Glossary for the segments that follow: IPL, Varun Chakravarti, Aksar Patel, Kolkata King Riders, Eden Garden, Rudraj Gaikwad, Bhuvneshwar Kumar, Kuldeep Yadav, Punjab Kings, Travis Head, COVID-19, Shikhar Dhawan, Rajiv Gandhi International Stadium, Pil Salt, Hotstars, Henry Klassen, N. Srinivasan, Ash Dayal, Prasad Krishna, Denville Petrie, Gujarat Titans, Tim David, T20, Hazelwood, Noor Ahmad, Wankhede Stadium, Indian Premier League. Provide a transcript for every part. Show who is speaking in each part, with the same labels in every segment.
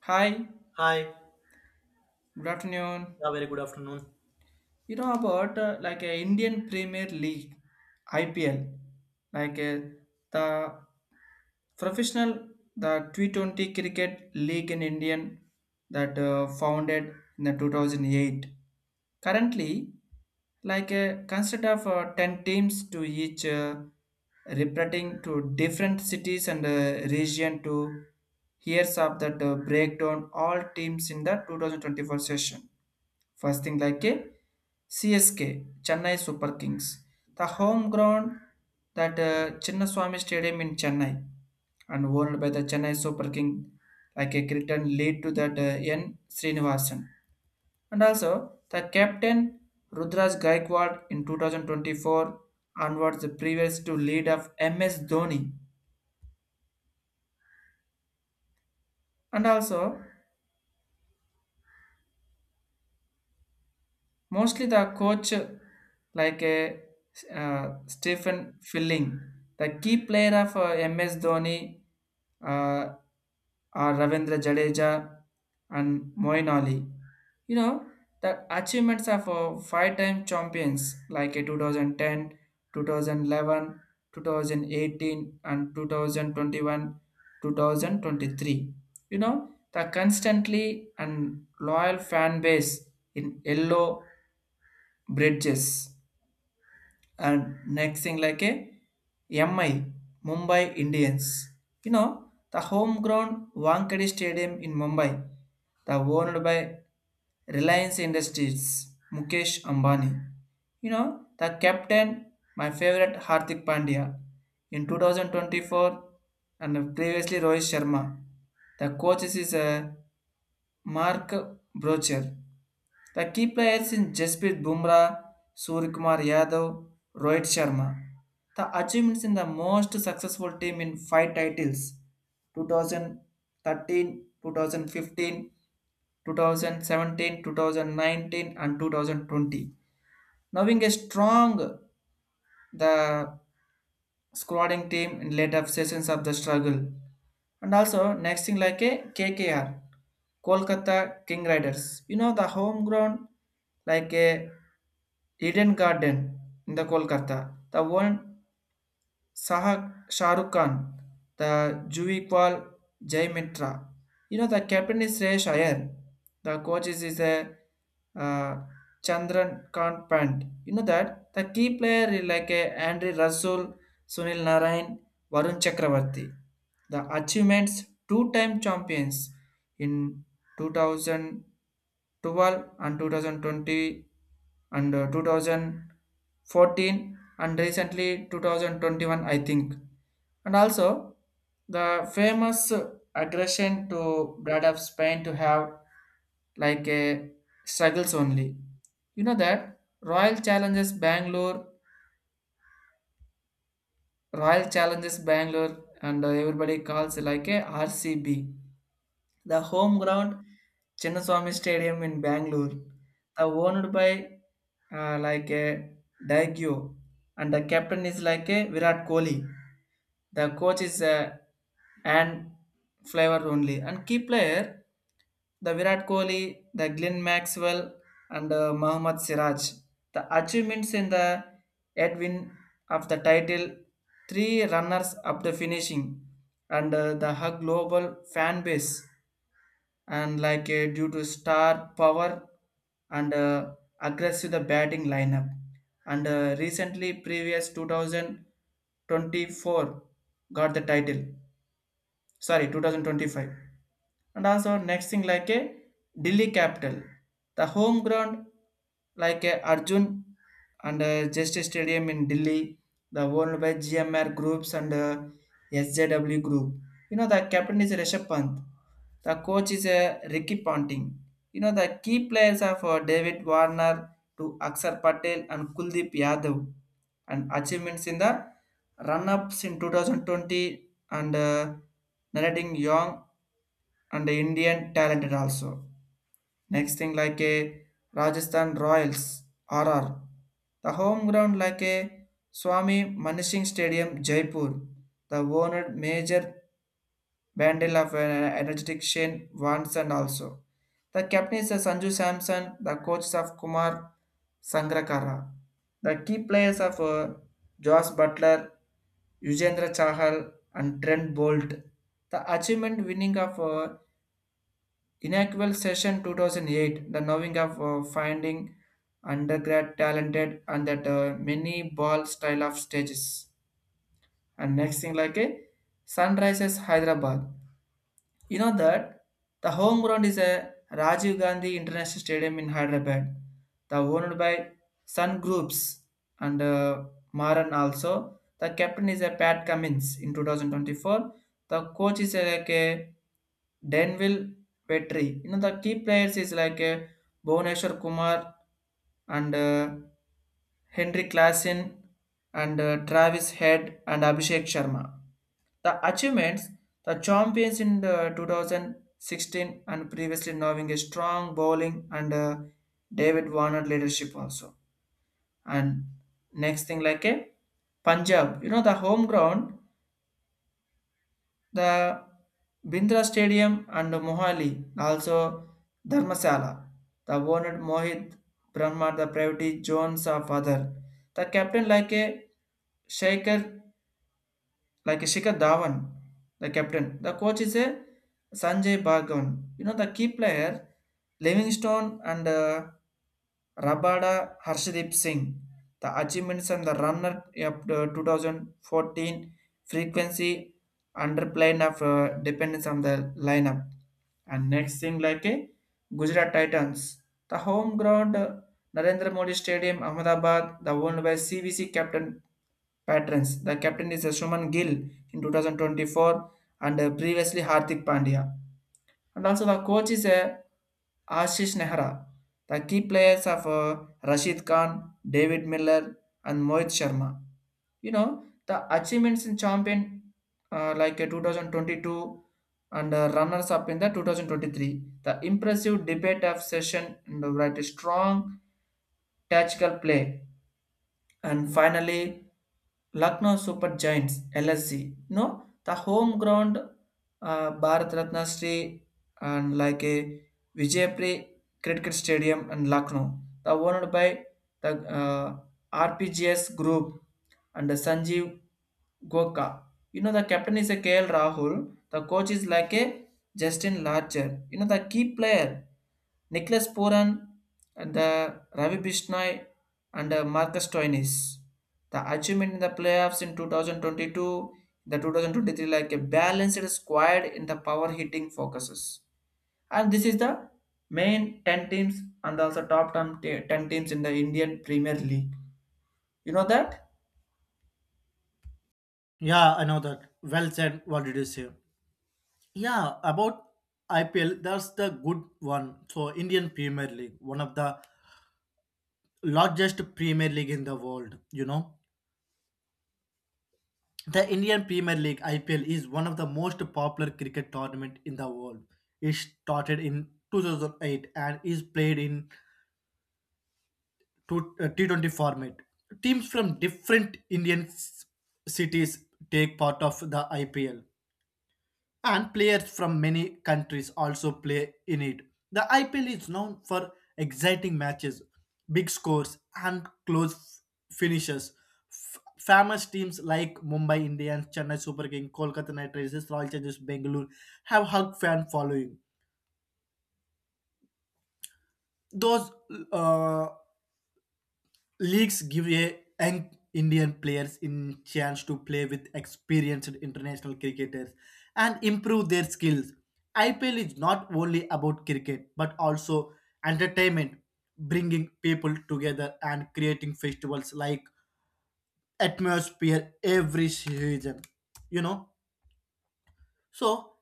Speaker 1: Hi,
Speaker 2: Hi.
Speaker 1: good afternoon.
Speaker 2: Yeah, very good afternoon.
Speaker 1: You know about like a Indian Premier League IPL, like the professional the T20 cricket league in Indian that founded in the 2008. Currently, like a consist of 10 teams to each representing to different cities and region to hears of that breakdown all teams in the 2024 session. First thing like a CSK, Chennai Super Kings. The home ground that Chinnaswamy Stadium in Chennai, and owned by the Chennai Super King like a cricket lead to that N. Srinivasan. And also the captain Rudraj Gaikwad in 2024 onwards, the previous to lead of MS Dhoni. And also mostly the coach, like a Stephen Filling, the key player of MS Dhoni, uh, or Ravindra Jadeja and Moin Ali. You know, the achievements of five-time champions like a 2010, 2011, 2018, and 2021, 2023. You know, the constantly and loyal fan base in yellow Bridges. And next thing like a MI, Mumbai Indians. You know the homegrown Wankhede Stadium in Mumbai, the owned by Reliance Industries Mukesh Ambani. You know the captain, my favorite Hardik Pandya in 2024, and previously Rohit Sharma. The coaches is Mark Brocher. The key players in Jasprit Bumrah, Surikumar Yadav, Rohit Sharma. The achievements in the most successful team in five titles: 2013, 2015, 2017, 2019, and 2020. Knowing a strong the squadding team in later sessions of the struggle. And also next thing like a KKR, Kolkata King Riders. You know the home ground like a Eden Garden in the Kolkata. The one Sahak Shahrukh Khan, the Juikwal Jai Mitra. You know, the captain is Suresh Iyer. The coach is a uh, Chandran Kant Pant. You know that the key player is like a Andre Russell, Sunil Narayan, Varun Chakravarti. The achievements two-time champions in 2012 and 2020 and 2014, and recently 2021, I think, and also the famous aggression to blood of Spain to have like a struggles only. You know that Royal Challenges Bangalore, and everybody calls it like a RCB. The home ground, Chinnaswamy Stadium in Bangalore, the owned by like a Daigyo, and the captain is like a Virat Kohli. The coach is and flavor only, and key player the Virat Kohli, the Glenn Maxwell, and Mohammad Siraj. The achievements in the Edwin of the title, three runners up the finishing, and the hug global fan base, and like due to star power and aggressive the batting lineup, and recently previous 2024 got the title, sorry, 2025. And also next thing like a Delhi Capital, the home ground like a Arjun and Justice Stadium in Delhi, the owned by GMR Groups and SJW Group. You know the captain is Rishabh Pant, the coach is Ricky Ponting. You know the key players are for David Warner to Aksar Patel and Kuldeep Yadav, and achievements in the run-ups in 2020, and narrating young and Indian talented also. Next thing like a Rajasthan Royals, RR. The home ground like a Swami Manishing Stadium, Jaipur. The owned major bundle of an energetic Shane Watson also. The captain is Sanju Samson, the coaches of Kumar Sangrakara. The key players of Josh Butler, Yujendra Chahal, and Trent Bolt. The achievement winning of Inaugural Session 2008, the knowing of finding undergrad talented, and that mini ball style of stages. And next thing like a Sunrises Hyderabad. You know that the home ground is a Rajiv Gandhi International Stadium in Hyderabad, the owned by Sun Groups and Maran also. The captain is a Pat Cummins in 2024. The coach is like a Denville Petrie. You know the key players is like a Bhuvneshwar Kumar and Henry Klassen, and Travis Head and Abhishek Sharma. The achievements, the champions in the 2016, and previously knowing a strong bowling and David Warner leadership also. And next thing like a Punjab. You know the home ground the Bindra Stadium and Mohali, also Dharmasala, the owner Mohit Brahma, the private Jones of other. The captain like a Shaker, like a Shikhar Dhawan, the captain. The coach is a Sanjay Bhagavan. You know the key player, Livingstone and Rabada Harshdeep Singh, the achievements and the runner up to 2014 frequency underplane of dependence on the lineup. And next thing like a Gujarat Titans, the home ground Narendra Modi Stadium, Ahmedabad, the owned by CVC captain patrons. The captain is Suman Gill in 2024, and previously Hardik Pandya. And also the coach is Ashish Nehra. The key players of Rashid Khan, David Miller, and Mohit Sharma. You know, the achievements in champion like 2022, and runners up in the 2023. The impressive debate of session and right, strong tactical play. And finally, Lucknow Super Giants LSG. No, the home ground, Bharat Ratna Shri and like a Vijayapri Cricket Stadium and Lucknow. The owned by the RPGS Group and Sanjeev Goka. You know, the captain is a KL Rahul. The coach is like a Justin Larcher. You know, the key player, Nicholas Puran and the Ravi Bishnoi and Marcus Stoinis. The achievement in the playoffs in 2022, the 2023, like a balanced squad in the power hitting focuses. And this is the main 10 teams, and also top 10 10 teams in the Indian Premier League. You know that?
Speaker 2: Yeah, I know that. Well said. What did you say? Yeah, about IPL, that's the good one. So, Indian Premier League, one of the largest Premier League in the world, you know. The Indian Premier League IPL is one of the most popular cricket tournament in the world. It started in 2008 and is played in T20 format. Teams from different cities take part of the IPL and players from many countries also play in it. The IPL is known for exciting matches, big scores, and close finishes. Famous teams like Mumbai Indians, Chennai Super Kings, Kolkata Knight Riders, Royal Challengers Bangalore have hug fan following. Those uh, Leagues give a young Indian players in chance to play with experienced international cricketers and improve their skills. IPL is not only about cricket but also entertainment, bringing people together and creating festivals like atmosphere every season. You know, so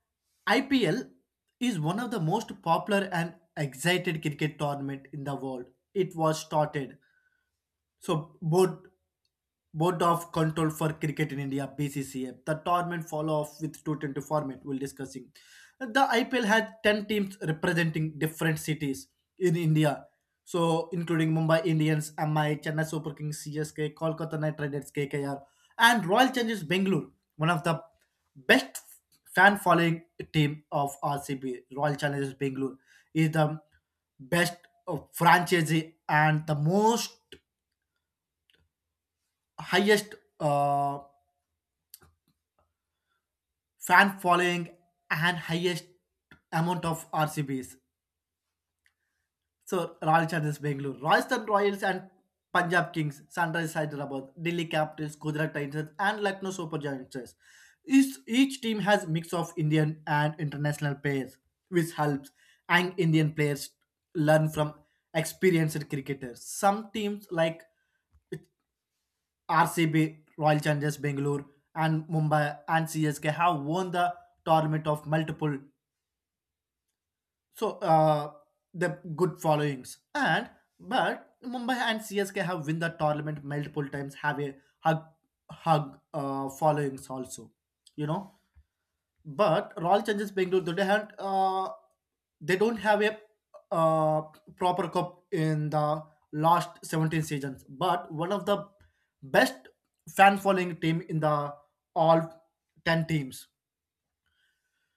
Speaker 2: IPL is one of the most popular and excited cricket tournament in the world. It was started so board of control for cricket in India (BCCA). The tournament follow off with two twenty format. We'll discussing. The IPL had ten teams representing different cities in India. So including Mumbai Indians, MI, Chennai Super Kings, CSK, Kolkata Knight Riders, KKR, and Royal Challengers Bangalore. One of the best fan following team of RCB, Royal Challengers Bangalore, is the best franchise and the most highest fan following and highest amount of RCBs. So Royal Challengers Bangalore, Rajasthan Royals and Punjab Kings, Sunrise Hyderabad, Delhi Capitals, Gujarat Titans and Lucknow Super Giants. Each team has mix of Indian and international players, which helps and Indian players learn from experienced cricketers. Some teams like RCB, Royal Challengers Bangalore, and Mumbai and CSK have won the tournament of multiple so the good followings and but Mumbai and CSK have win the tournament multiple times have a hug followings also, you know, but Royal Challengers Bangalore, they don't have a uh, proper cup in the last 17 seasons. But one of the best fan following team in the all 10 teams.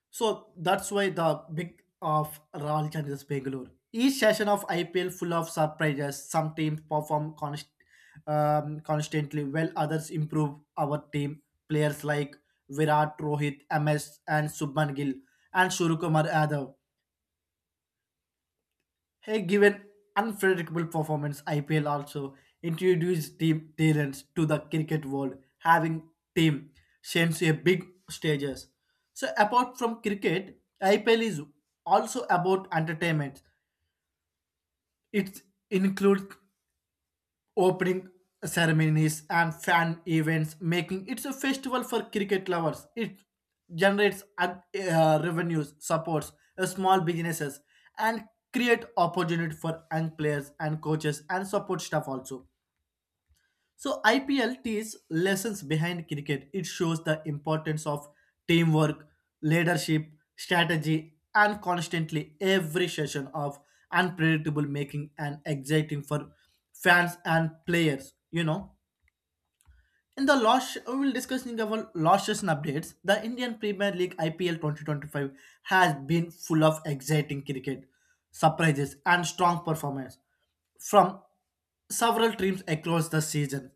Speaker 2: So that's why the big of Royal Challengers Bangalore. Each session of IPL full of surprises. Some teams perform constantly, while others improve. Our team players like Virat, Rohit, MS, and Subman Gill, and Surya Kumar Yadav. Hey, given unpredictable performance, IPL also introduced team talents to the cricket world, having team sent to a big stages. So apart from cricket, IPL is also about entertainment. It includes opening ceremonies and fan events, making it a festival for cricket lovers. It generates revenues, supports small businesses, and create opportunity for young players and coaches and support staff also. So IPL teaches lessons behind cricket. It shows the importance of teamwork, leadership, strategy, and constantly every session of unpredictable making and exciting for fans and players, you know. In the loss, we will discussing our losses and updates. The Indian Premier League IPL 2025 has been full of exciting cricket, surprises, and strong performance from several teams across the season.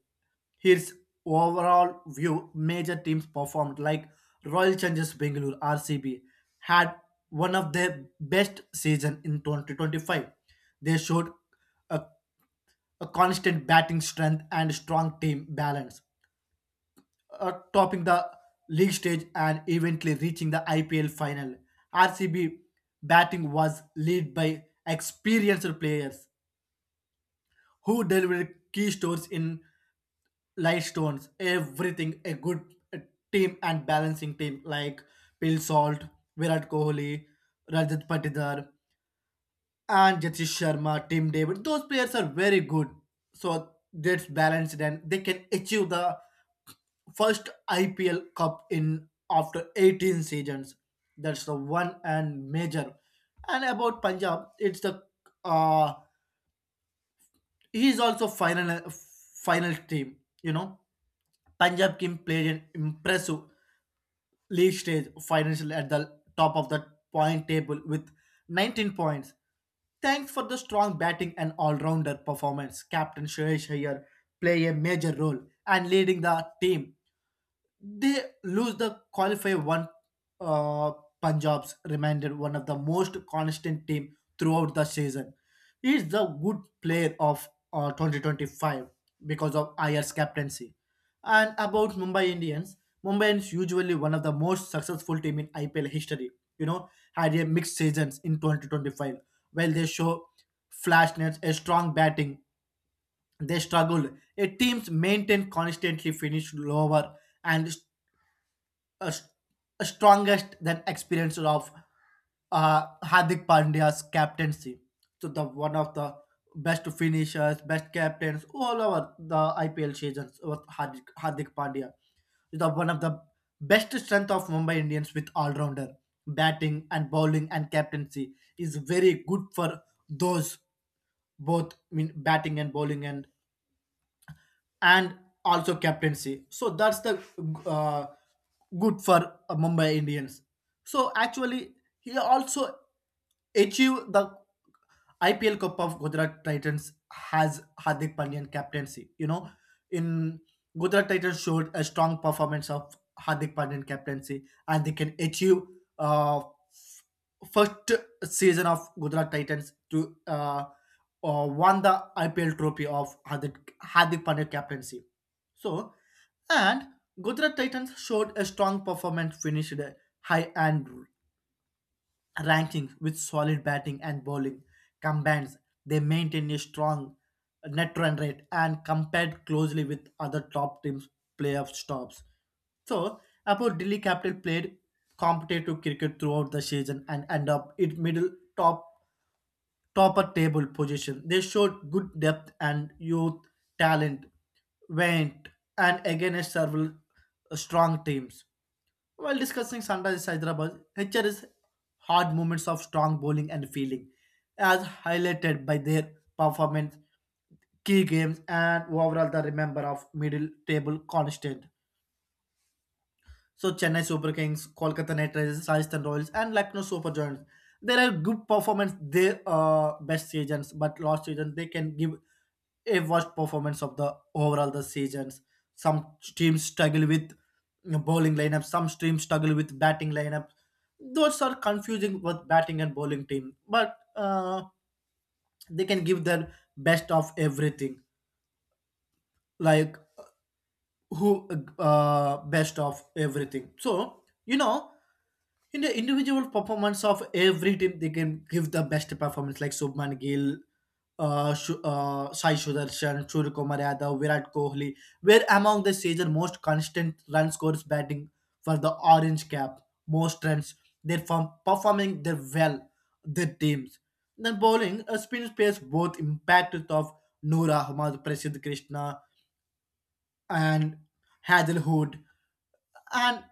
Speaker 2: Here's overall view major teams performed like Royal Challengers Bangalore RCB had one of their best season in 2025. They showed a, a constant batting strength and strong team balance, topping the league stage and eventually reaching the IPL final. RCB batting was led by experienced players who delivered key stores in light stones, everything a good uh, team and balancing team like Pil Salt, Virat Kohli, Rajat Patidar, and Jatish Sharma, Tim David. Those players are very good. So that's balanced and they can achieve the first IPL Cup in after 18 seasons. That's the one and major. And about Punjab, it's the uh, he's also final team. You know, Punjab team played an impressive league stage financially at the top of the point table with 19 points. Thanks for the strong batting and all-rounder performance. Captain Suresh Iyer play a major role and leading the team, they lose the qualify one. uh, Punjab's remained one of the most constant team throughout the season. He is the good player of 2025 because of IR's captaincy. And about Mumbai Indians, Mumbai Indians usually one of the most successful team in IPL history. You know, had a mixed seasons in 2025. While they show flashness, a strong batting, they struggled. A team's maintained constantly finished lower and uh, s- strongest than experience of Hardik Pandya's captaincy. So the one of the best finishers, best captains all over the IPL seasons was Hardik Pandya. He's the one of the best strength of Mumbai Indians with all rounder batting and bowling and captaincy is very good for those both, I mean batting and bowling and and also captaincy. So that's the uh, good for Mumbai Indians. So actually, he also achieved the IPL Cup of Gujarat Titans has Hardik Pandyan captaincy. You know, in Gujarat Titans showed a strong performance of Hardik Pandyan captaincy, and they can achieve first season of Gujarat Titans to won the IPL trophy of Hardik Pandya captaincy. So, and Gujarat Titans showed a strong performance, finished high and rankings with solid batting and bowling combines. They maintain a strong net run rate and compared closely with other top teams' playoff stops. So, about Delhi Capital played competitive cricket throughout the season and end up in middle top topper table position. They showed good depth and youth talent went and against several strong teams. While discussing Sunrisers Hyderabad, HR's hard moments of strong bowling and fielding, as highlighted by their performance, key games, and overall the remember of middle table constant. So Chennai Super Kings, Kolkata Knight Riders, Rajasthan Royals, and Lucknow Super Giants. There are good performance their best seasons, but last season they can give a worst performance of the overall the seasons. Some teams struggle with bowling lineup, some teams struggle with batting lineup. Those are confusing with batting and bowling team, but they can give their best of everything, like who best of everything. So you know in the individual performance of every team they can give the best performance like Subman Gill, Sai Sudarshan, Surya Kumar Yadav, Virat Kohli were among the season most constant run scorers batting for the orange cap. Most runs they're from performing their well their teams. Then bowling a spin space both impact of Noor Ahmad, Prasad Krishna and Hazelwood and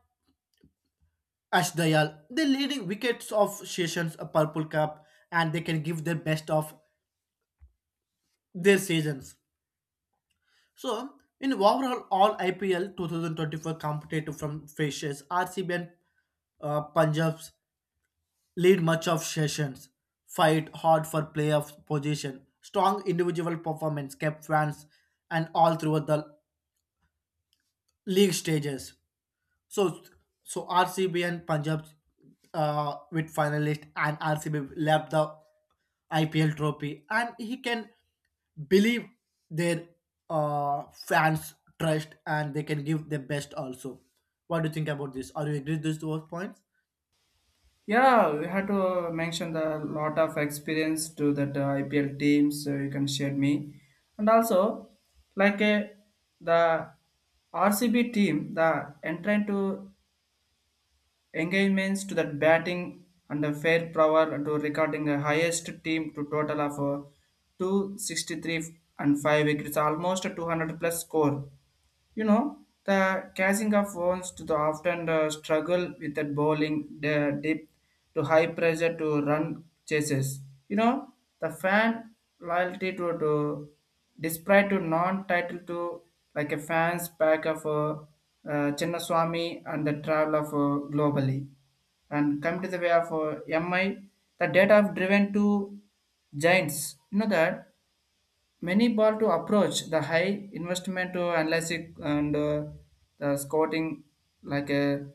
Speaker 2: Ash Dayal, they leading wickets of sessions, a purple cup, and they can give their best of their seasons. So, in overall, all IPL 2024 competitive from faces, RCB and Punjabs lead much of sessions, fight hard for playoff position. Strong individual performance kept fans and all throughout the league stages. So, so, RCB and Punjab with finalist, and RCB left the IPL trophy, and he can believe their fans trust, and they can give their best also. What do you think about this? Are you agree with these two points?
Speaker 1: Yeah, we had to mention the lot of experience to that IPL teams. So you can share me, and also like the RCB team, the entering to engagements to that batting and the fair power to recording the highest team to total of 263 and five wickets, almost a 200 plus score. You know, the catching of wounds to the often struggle with that bowling dip to high pressure to run chases. You know, the fan loyalty to despite to non-title to like a fans pack of Chinnaswamy and the travel of globally, and come to the way of MI, the data driven to giants. You know that Many ball to approach the high investment to analyze it, and the scouting like a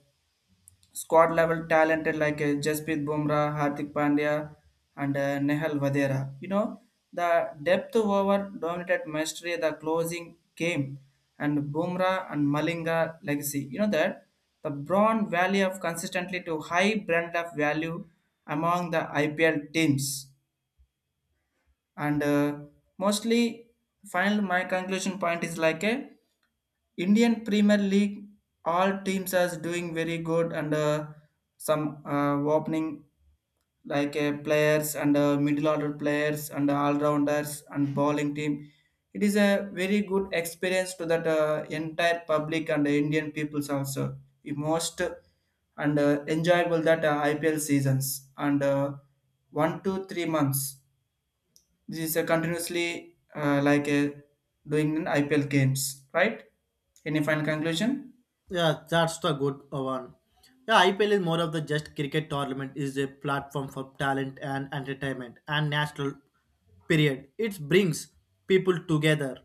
Speaker 1: squad level talented like a Jasprit Bumrah, Hardik Pandya, and Nehal Vadera. You know the depth over dominated mastery the closing game and Bumrah and Malinga legacy. You know that the broad value of consistently to high brand of value among the IPL teams, and mostly final my conclusion point is like a Indian Premier League, all teams are doing very good, and some opening like players and middle order players and all rounders and bowling team, it is a very good experience to that entire public and the Indian peoples also, the most and enjoyable that IPL seasons, and 1 to 3 months this is a continuously like a doing in IPL games, right? Any final conclusion?
Speaker 2: Yeah, that's the good one. Yeah, IPL is more of the just cricket tournament. Is a platform for talent and entertainment and national period. It brings people together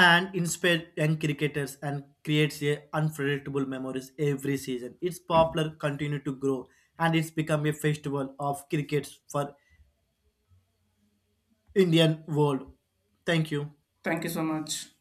Speaker 2: and inspire young cricketers and creates a unpredictable memories every season. Its popular continue to grow and it's become a festival of crickets for Indian world. Thank you.
Speaker 1: Thank you so much.